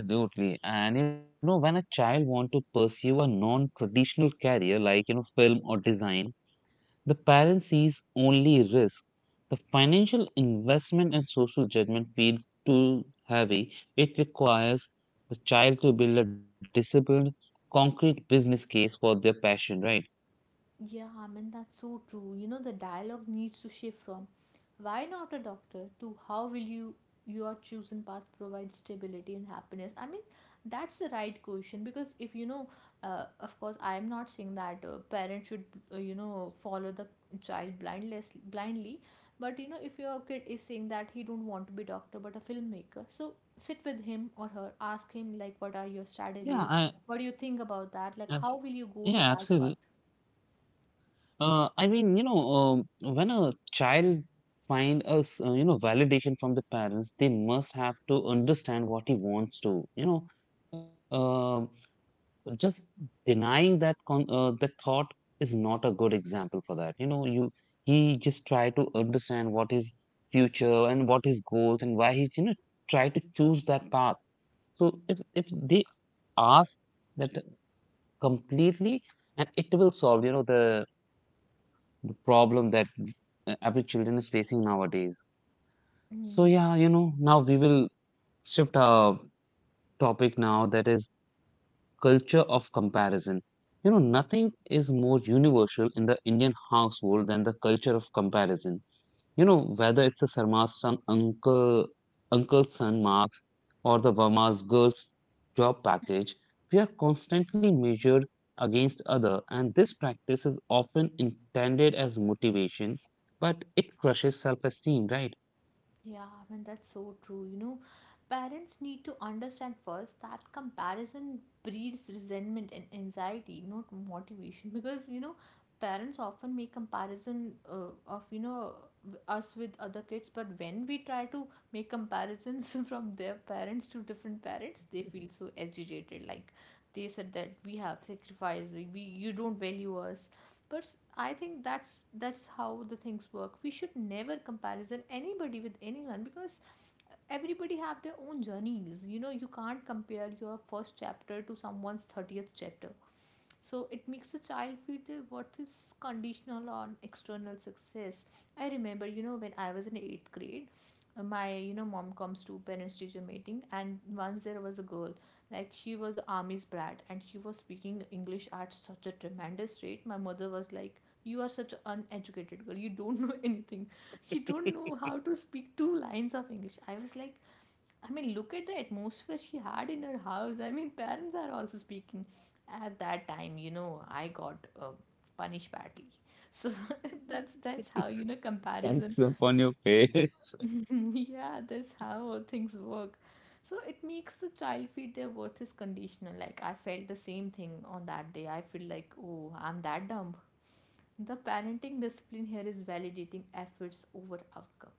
Yeah, absolutely. And you know, when a child want to pursue a non-traditional career like you know film or design, the parent sees only risk. The financial investment and social judgment feel too heavy. It requires the child to build a disciplined, concrete business case for their passion, right? Yeah, I mean, that's so true. You know, the dialogue needs to shift from why not a doctor to how will your chosen path provide stability and happiness. I mean, that's the right question, because if you know, of course, I am not saying that parents should, you know, follow the child blindless blindly, but you know, if your kid is saying that he don't want to be doctor but a filmmaker, so sit with him or her, ask him like, what are your Yeah, strategies? What do you think about that? Like, ab- how will you go to yeah, that absolutely. path? I mean, you know, when a child find us, you know, validation from the parents, they must have to understand what he wants to, you know, just denying that con that thought is not a good example for that. You know, you he just try to understand what his future and what his goals and why he's you know try to choose that path. So if they ask that completely, and it will solve you know the problem that every children is facing nowadays. So Mm. yeah, you know now we will shift our topic now that is culture of comparison. You know, nothing is more universal in the Indian household than the culture of comparison. You know, whether it's a Sarma's son, uncle's son marks or the Verma's girl's job package, we are constantly measured against other, and this practice is often intended as motivation, but it crushes self-esteem, right? Yeah, I mean, that's so true. You know, parents need to understand first that comparison breeds resentment and anxiety, not motivation. Because, you know, parents often make comparison of, you know, us with other kids. But when we try to make comparisons from their parents to different parents, they feel so agitated. Like, they said that we have sacrificed we you don't value us, but I think that's how the things work. We should never comparison anybody with anyone, because everybody have their own journeys. You know, you can't compare your first chapter to someone's 30th chapter. So it makes the child feel that what is conditional on external success. I remember, you know, when I was in 8th grade, my, you know, mom comes to parents teacher meeting, and once there was a girl, like she was army's brat, and she was speaking English at such a tremendous rate. My mother was like, you are such an uneducated girl, you don't know anything, you don't know how to speak two lines of English. I was like, I mean, look at the atmosphere she had in her house. I mean, parents are also speaking. At that time, you know, I got punished badly. So that's how, you know, comparison. It's up on your face. Yeah, that's how things work. So it makes the child feel their worth is conditional. Like, I felt the same thing on that day. I feel like, oh, I'm that dumb. The parenting discipline here is validating efforts over outcome.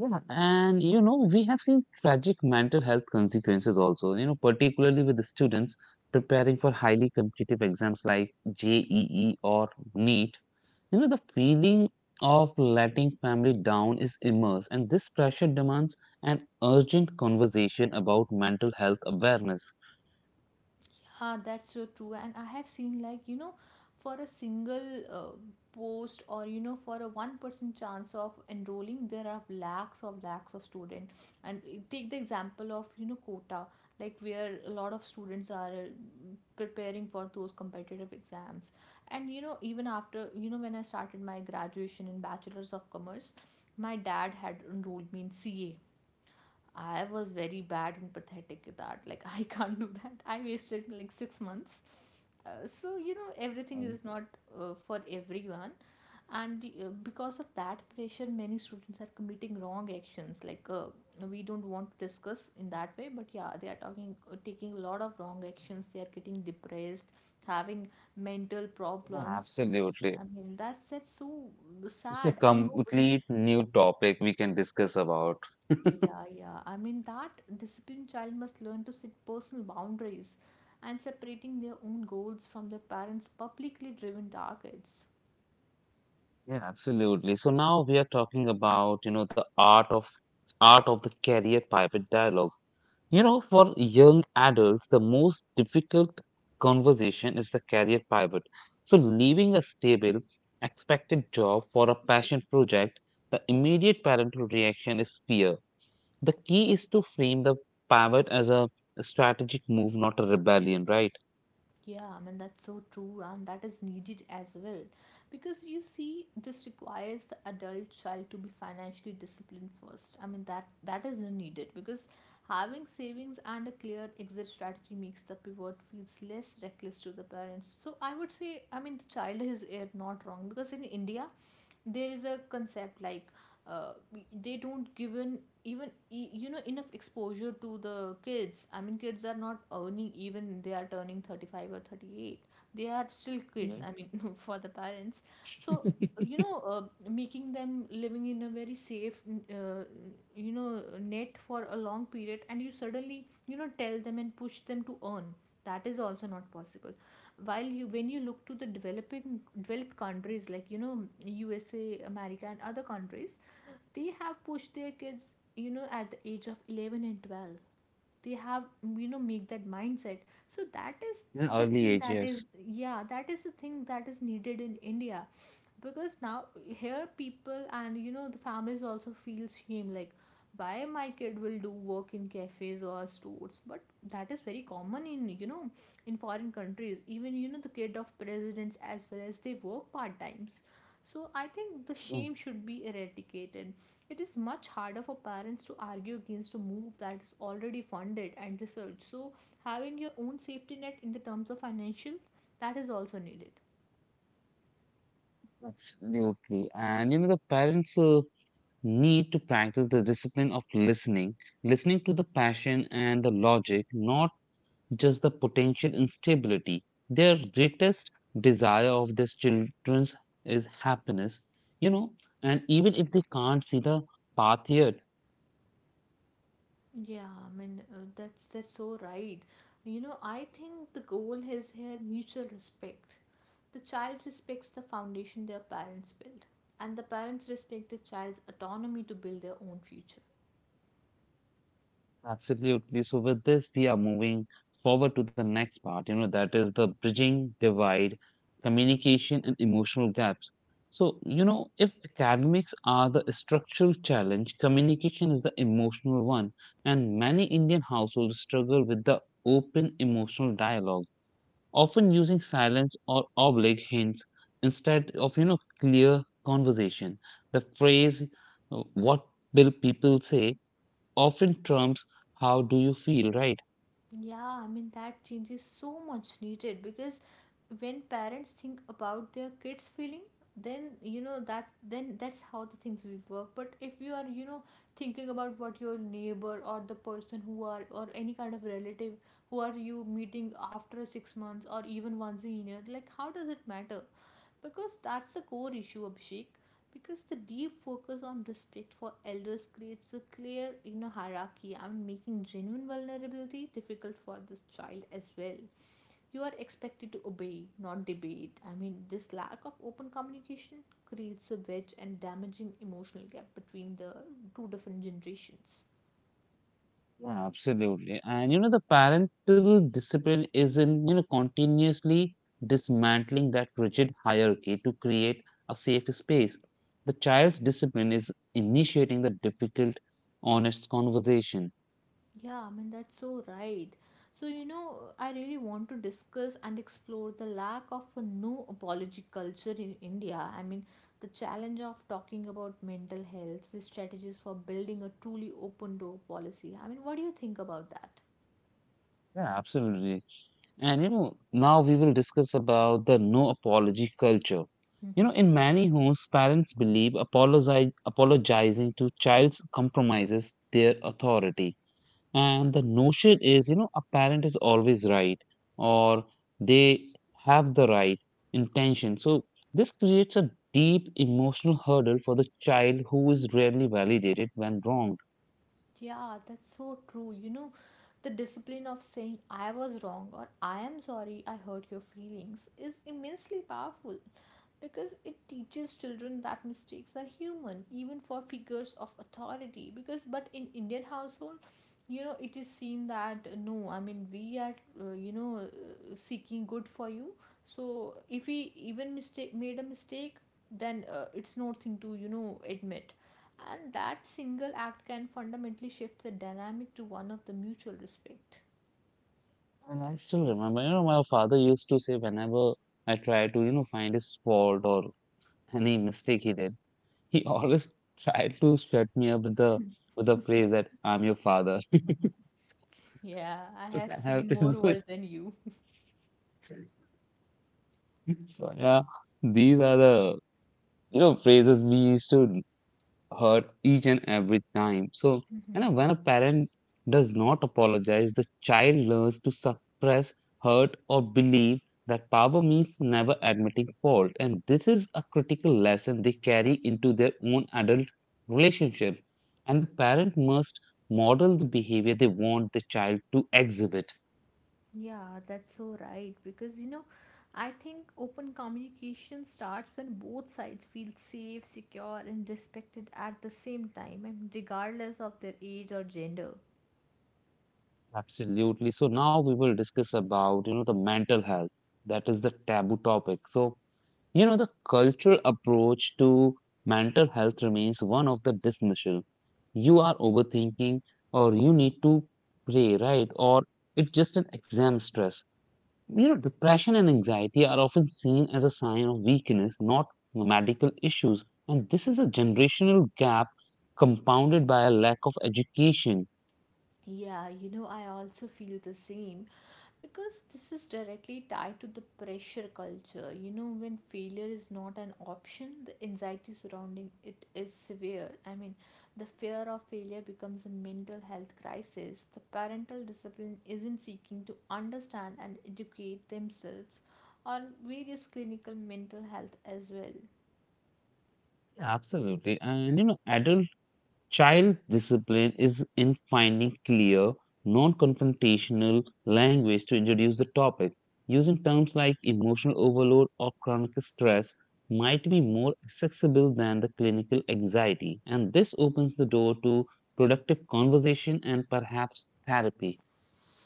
Yeah, and you know, we have seen tragic mental health consequences also, you know, particularly with the students preparing for highly competitive exams like JEE or NEET. You know, the feeling of letting family down is immense, and this pressure demands an urgent conversation about mental health awareness. Yeah, that's so true. And I have seen, like, you know, for a single post, or, you know, for a 1% chance of enrolling, there are lakhs of students. And take the example of, you know, quota, like, where a lot of students are preparing for those competitive exams. And, you know, even after, you know, when I started my graduation in Bachelor's of Commerce, my dad had enrolled me in CA. I was very bad and pathetic at that. Like, I can't do that. I wasted like 6 months. So, you know, everything Mm, is not for everyone. And because of that pressure, many students are committing wrong actions. Like, we don't want to discuss in that way, but yeah, they are talking, taking a lot of wrong actions. They are getting depressed, having mental yeah, problems. absolutely. I mean, that's so It's a sad, and nobody complete new topic we can discuss about. yeah, yeah. I mean, that disciplined child must learn to set personal boundaries and separating their own goals from their parents' publicly driven targets. Yeah, absolutely. So now we are talking about, you know, the art of the career pivot dialogue. You know, for young adults, the most difficult conversation is the career pivot. So leaving a stable, expected job for a passion project, the immediate parental reaction is fear. The key is to frame the pivot as a strategic move, not a rebellion, right? Yeah, I mean, that's so true, and that is needed as well. Because you see, this requires the adult child to be financially disciplined first. I mean, that is needed because having savings and a clear exit strategy makes the pivot feels less reckless to the parents. So I would say, I mean, the child is eh, not wrong, because in India, there is a concept like uh, they don't given even you know enough exposure to the kids. I mean, kids are not earning, even they are turning 35 or 38, they are still kids, Mhm. I mean, for the parents. So, you know, making them living in a very safe uh, you know net for a long period, and you suddenly, you know, tell them and push them to earn, that is also not possible. While you when you look to the developing developed countries like, you know, USA, America and other countries, they have pushed their kids, you know, at the age of 11 and 12, they have, you know, make that mindset. So that is In the early thing that is ages. yeah, that is the thing that is needed in India. Because now here people, and you know, the families also feel shame, like, why my kid will do work in cafes or stores? But that is very common in, you know, in foreign countries. Even, you know, the kid of presidents as well as they work part times. So I think the Mm, shame should be eradicated. It is much harder for parents to argue against a move that is already funded and researched. So having your own safety net in the terms of financials, that is also needed. absolutely. And you know, the parents. Need to practice the discipline of listening, listening to the passion and the logic, not just the potential instability. Their greatest desire of these children's is happiness, you know, and even if they can't see the path yet, Yeah, I mean that's so right. You know, I think the goal is here mutual respect. The child respects the foundation their parents build, and the parents respect the child's autonomy to build their own future. absolutely. So with this, we are moving forward to the next part, you know, that is the bridging divide, communication and emotional gaps. So, you know, if academics are the structural challenge, communication is the emotional one. And many Indian households struggle with the open emotional dialogue, often using silence or oblique hints instead of, you know, clear conversation. The phrase, what will people say? Often trumps how do you feel, right? Yeah, I mean, that change is so much needed, because when parents think about their kids' feeling, then you know that then that's how the things will work. But if you are, you know, thinking about what your neighbor or the person who are or any kind of relative who are you meeting after 6 months or even once a year, like, how does it matter? Because that's the core issue, Abhishek, because the deep focus on respect for elders creates a clear, you know, hierarchy, and making genuine vulnerability difficult for this child as well. You are expected to obey, not debate. I mean, this lack of open communication creates a wedge and damaging emotional gap between the two different generations. Yeah, absolutely. And you know, the parental discipline is in, you know, continuously dismantling that rigid hierarchy to create a safe space. The child's discipline is initiating the difficult, honest conversation. Yeah, I mean, that's so right. So, you know, I really want to discuss and explore the lack of a no apology culture in India. I mean, the challenge of talking about mental health, the strategies for building a truly open door policy. I mean, what do you think about that? Yeah, absolutely. And you know, now we will discuss about the no apology culture. You know, in many homes, parents believe apologizing to child's compromises their authority. And the notion is, you know, a parent is always right or they have the right intention. So this creates a deep emotional hurdle for the child who is rarely validated when wronged. Yeah, that's so true. You know, the discipline of saying I was wrong or I am sorry I hurt your feelings is immensely powerful, because it teaches children that mistakes are human, even for figures of authority. Because but in Indian household, you know, it is seen that no, I mean, we are you know seeking good for you. So if we even mistake made a mistake, then it's nothing to, you know, admit. And that single act can fundamentally shift the dynamic to one of the mutual respect. And I still remember, you know, my father used to say whenever I try to, you know, find his fault or any mistake he did, he always tried to shut me up with the phrase that I'm your father. Yeah, I So I have have seen to more know it. world than you. So yeah, these are the phrases we used to heard each and every time. So you know, Mhm. when a parent does not apologize, the child learns to suppress hurt or believe that power means never admitting fault, and this is a critical lesson they carry into their own adult relationship. And the parent must model the behavior they want the child to exhibit. Yeah, that's so right. Because, you know, I think open communication starts when both sides feel safe, secure, and respected at the same time, and regardless of their age or gender. Absolutely. So now we will discuss about, you know, the mental health, that is the taboo topic. So you know, the cultural approach to mental health remains one of the dismissal. You are overthinking, or you need to pray, right? Or it's just an exam stress. You know, depression and anxiety are often seen as a sign of weakness, not medical issues. And this is a generational gap compounded by a lack of education. Yeah, you know, I also feel the same, because this is directly tied to the pressure culture. You know, when failure is not an option, the anxiety surrounding it is severe. I mean, the fear of failure becomes a mental health crisis. The parental discipline isn't seeking to understand and educate themselves on various clinical mental health as well. Absolutely. And, you know, adult child discipline is in finding clear, non confrontational language to introduce the topic. Using terms like emotional overload or chronic stress might be more accessible than the clinical anxiety, and this opens the door to productive conversation and perhaps therapy.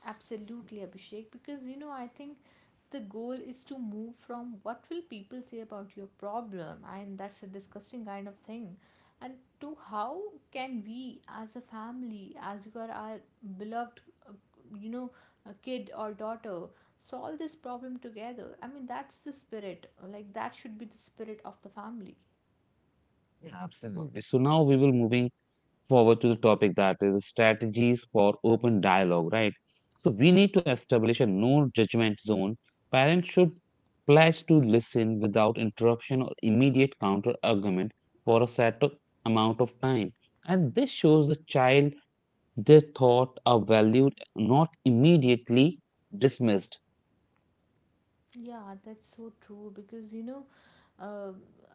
Absolutely, Abhishek, because you know, I think the goal is to move from what will people say about your problem, and that's a disgusting kind of thing, and to how can we, as a family, as you are our beloved, uh, you know, a kid or daughter, solve this problem together. I mean, that's the spirit, like, that should be the spirit of the family. Absolutely. So now we will moving forward to the topic that is strategies for open dialogue, right? So we need to establish a no judgment zone. Parents should pledge to listen without interruption or immediate counter argument for a set of amount of time. And this shows the child their thought are valued, not immediately dismissed. Yeah, that's so true, because you know, uh,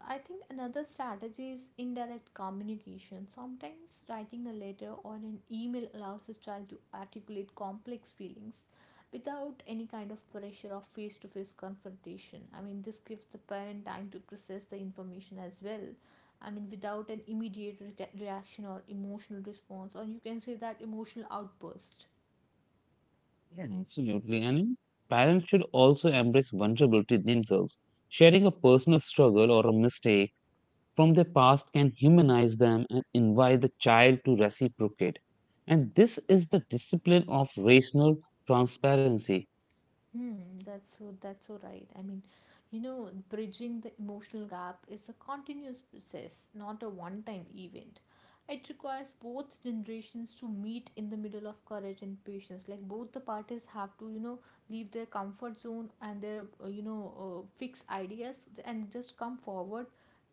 I think another strategy is indirect communication. Sometimes writing a letter or an email allows a child to articulate complex feelings without any kind of pressure of face to face confrontation. I mean, this gives the parent time to process the information as well. I mean, without an immediate reaction or emotional response, or you can say that emotional outburst. Yeah, absolutely. And you know, parents should also embrace vulnerability themselves. Sharing a personal struggle or a mistake from their past can humanize them and invite the child to reciprocate. And this is the discipline of rational transparency. Hmm, that's so right. I mean, you know, bridging the emotional gap is a continuous process, not a one-time event. It requires both generations to meet in the middle of courage and patience. Like, both the parties have to, you know, leave their comfort zone and their, you know, fixed ideas, and just come forward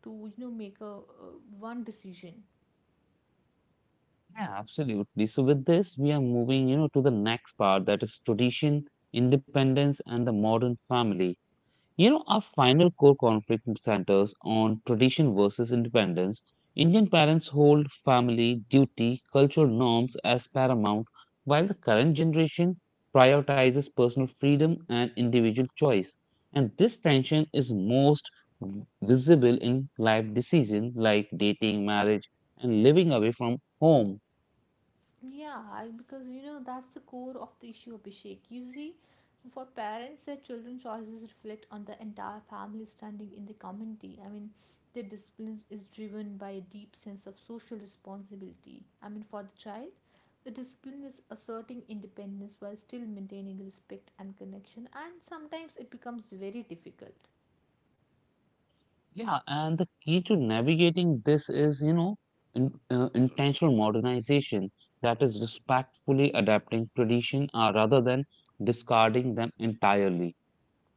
to, you know, make a one decision. Yeah, absolutely. So with this, we are moving, you know, to the next part, that is tradition, independence, and the modern family. You know, our final core conflict centers on tradition versus independence. Indian parents hold family, duty, cultural norms as paramount, while the current generation prioritizes personal freedom and individual choice. And this tension is most visible in life decisions like dating, marriage, and living away from home. Yeah, because you know that's the core of the issue, Abhishek. You see, for parents, their children's choices reflect on the entire family standing in the community. I mean, their discipline is driven by a deep sense of social responsibility. I mean, for the child, the discipline is asserting independence while still maintaining respect and connection, and sometimes it becomes very difficult. Yeah, and the key to navigating this is, you know, intentional modernization, that is respectfully adapting tradition rather than discarding them entirely.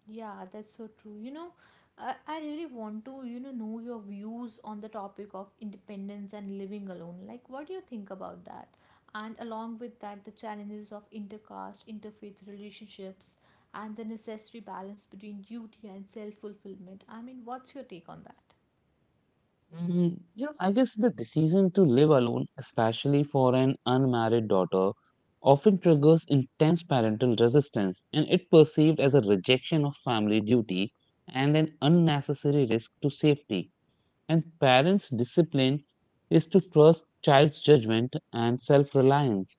Yeah, that's so true. You know, I really want to, you know your views on the topic of independence and living alone. Like, what do you think about that? And along with that, the challenges of intercaste, interfaith relationships, and the necessary balance between duty and self fulfillment. I mean, what's your take on that? Mm, you know, I guess the decision to live alone, especially for an unmarried daughter, often triggers intense parental resistance, and it perceived as a rejection of family duty and an unnecessary risk to safety. And parents' discipline is to trust child's judgment and self-reliance.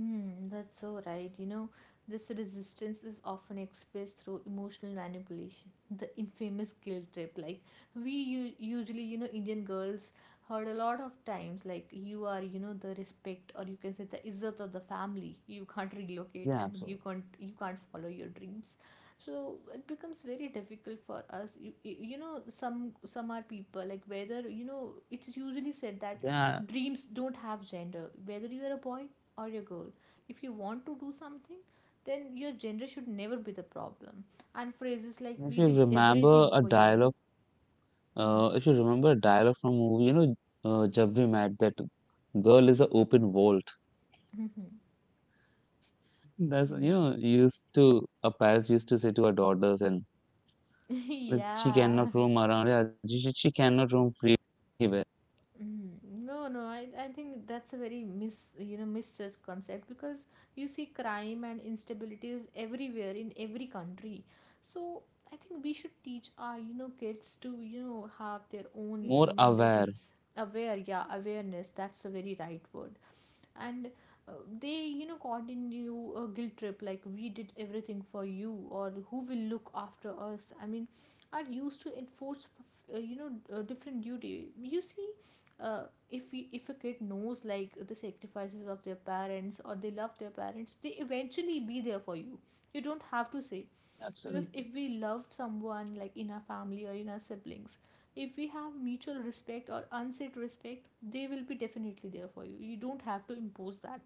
Mm, that's so right. You know, this resistance is often expressed through emotional manipulation, the infamous guilt trip. Like, we usually, you know, Indian girls heard a lot of times, like, you are, you know, the respect, or you can say the izzat of the family. You can't relocate. Yeah, I mean, you absolutely. can't, you can't follow your dreams. So it becomes very difficult for us. You know, some are people like, whether you know, it's usually said that Yeah, dreams don't have gender. Whether you are a boy or your goal, if you want to do something, then your gender should never be the problem. And phrases like, if we you did remember everything a for you. dialogue, if you remember a dialogue from a movie, you know, Jab We Met, that girl is an open vault. That's you Mhm. know used to a parents used to say to her daughters, and Yeah. that she yeah. cannot roam around. Yeah, she cannot roam free anywhere. No, I think that's a very mis, you know, misjudged concept, because you see crime and instability is everywhere in every country. So I think we should teach our, you know, kids to, you know, have their own More mental aware. peace. Aware, yeah, awareness. That's a very right word. And uh, they, you know, caught in you a guilt trip, like, we did everything for you or who will look after us. I mean, are used to enforce you know different duty. You see uh, if we, if a kid knows like the sacrifices of their parents or they love their parents, they eventually be there for you, you don't have to say. Absolutely. Because if we love someone, like in our family or in our siblings, if we have mutual respect or unsaid respect, they will be definitely there for you, you don't have to impose that.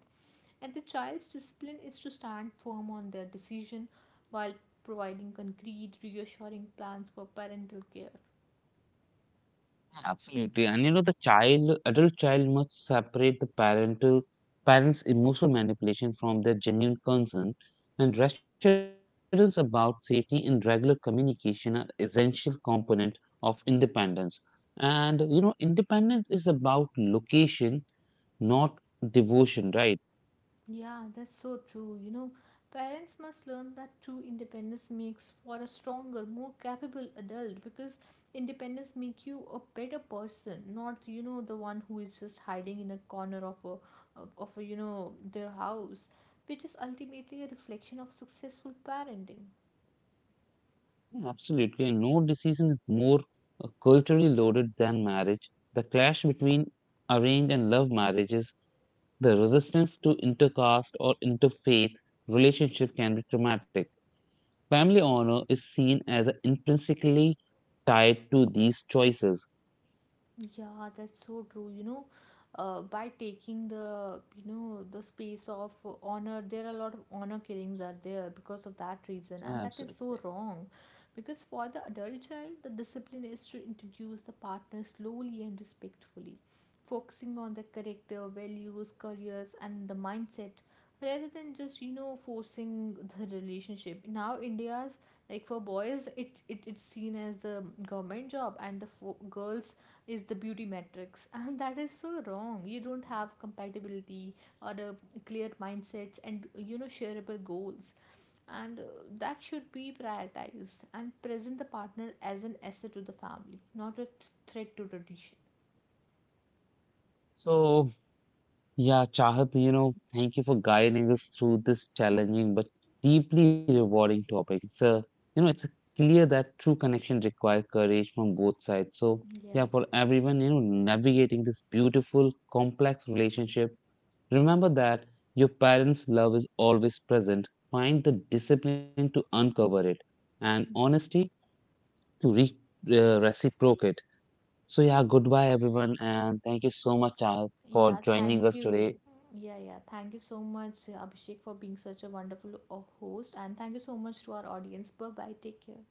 And the child's discipline is to stand firm on their decision while providing concrete reassuring plans for parental care. Absolutely. And you know, the child, adult child must separate the parental parents' emotional manipulation from their genuine concern. And reassurance about safety and regular communication are essential component of independence. And you know, independence is about location, not devotion, right? Yeah, that's so true. You know, parents must learn that true independence makes for a stronger, more capable adult, because independence make you a better person, not you know the one who is just hiding in a corner of a of a you know their house, which is ultimately a reflection of successful parenting. Yeah, absolutely. And no decision is more culturally loaded than marriage. The clash between arranged and love marriages, the resistance to intercaste or interfaith relationship can be traumatic. Family honor is seen as intrinsically tied to these choices. Yeah, that's so true. You know, by taking the, you know, the space of honor, there are a lot of honor killings are there because of that reason, Yeah, and that is so absolutely. wrong. Because for the adult child, the discipline is to introduce the partner slowly and respectfully, focusing on the character, values, careers, and the mindset, rather than just, you know, forcing the relationship. Now, India's like for boys, it's seen as the government job, and the girls is the beauty metrics. And that is so wrong. You don't have compatibility or a clear mindsets and, you know, shareable goals. And that should be prioritized, and present the partner as an asset to the family, not a threat to tradition. So yeah, Chahat, you know, thank you for guiding us through this challenging but deeply rewarding topic. It's a, you know, it's clear that true connection requires courage from both sides. So, Yeah, yeah, for everyone, you know, navigating this beautiful, complex relationship, remember that your parents' love is always present. Find the discipline to uncover it and honesty to re reciprocate. So, yeah, goodbye, everyone, and thank you so much, Chahat, yeah, for joining thank us you. today. Yeah, yeah, thank you so much, Abhishek, for being such a wonderful host, and thank you so much to our audience. Bye bye, take care.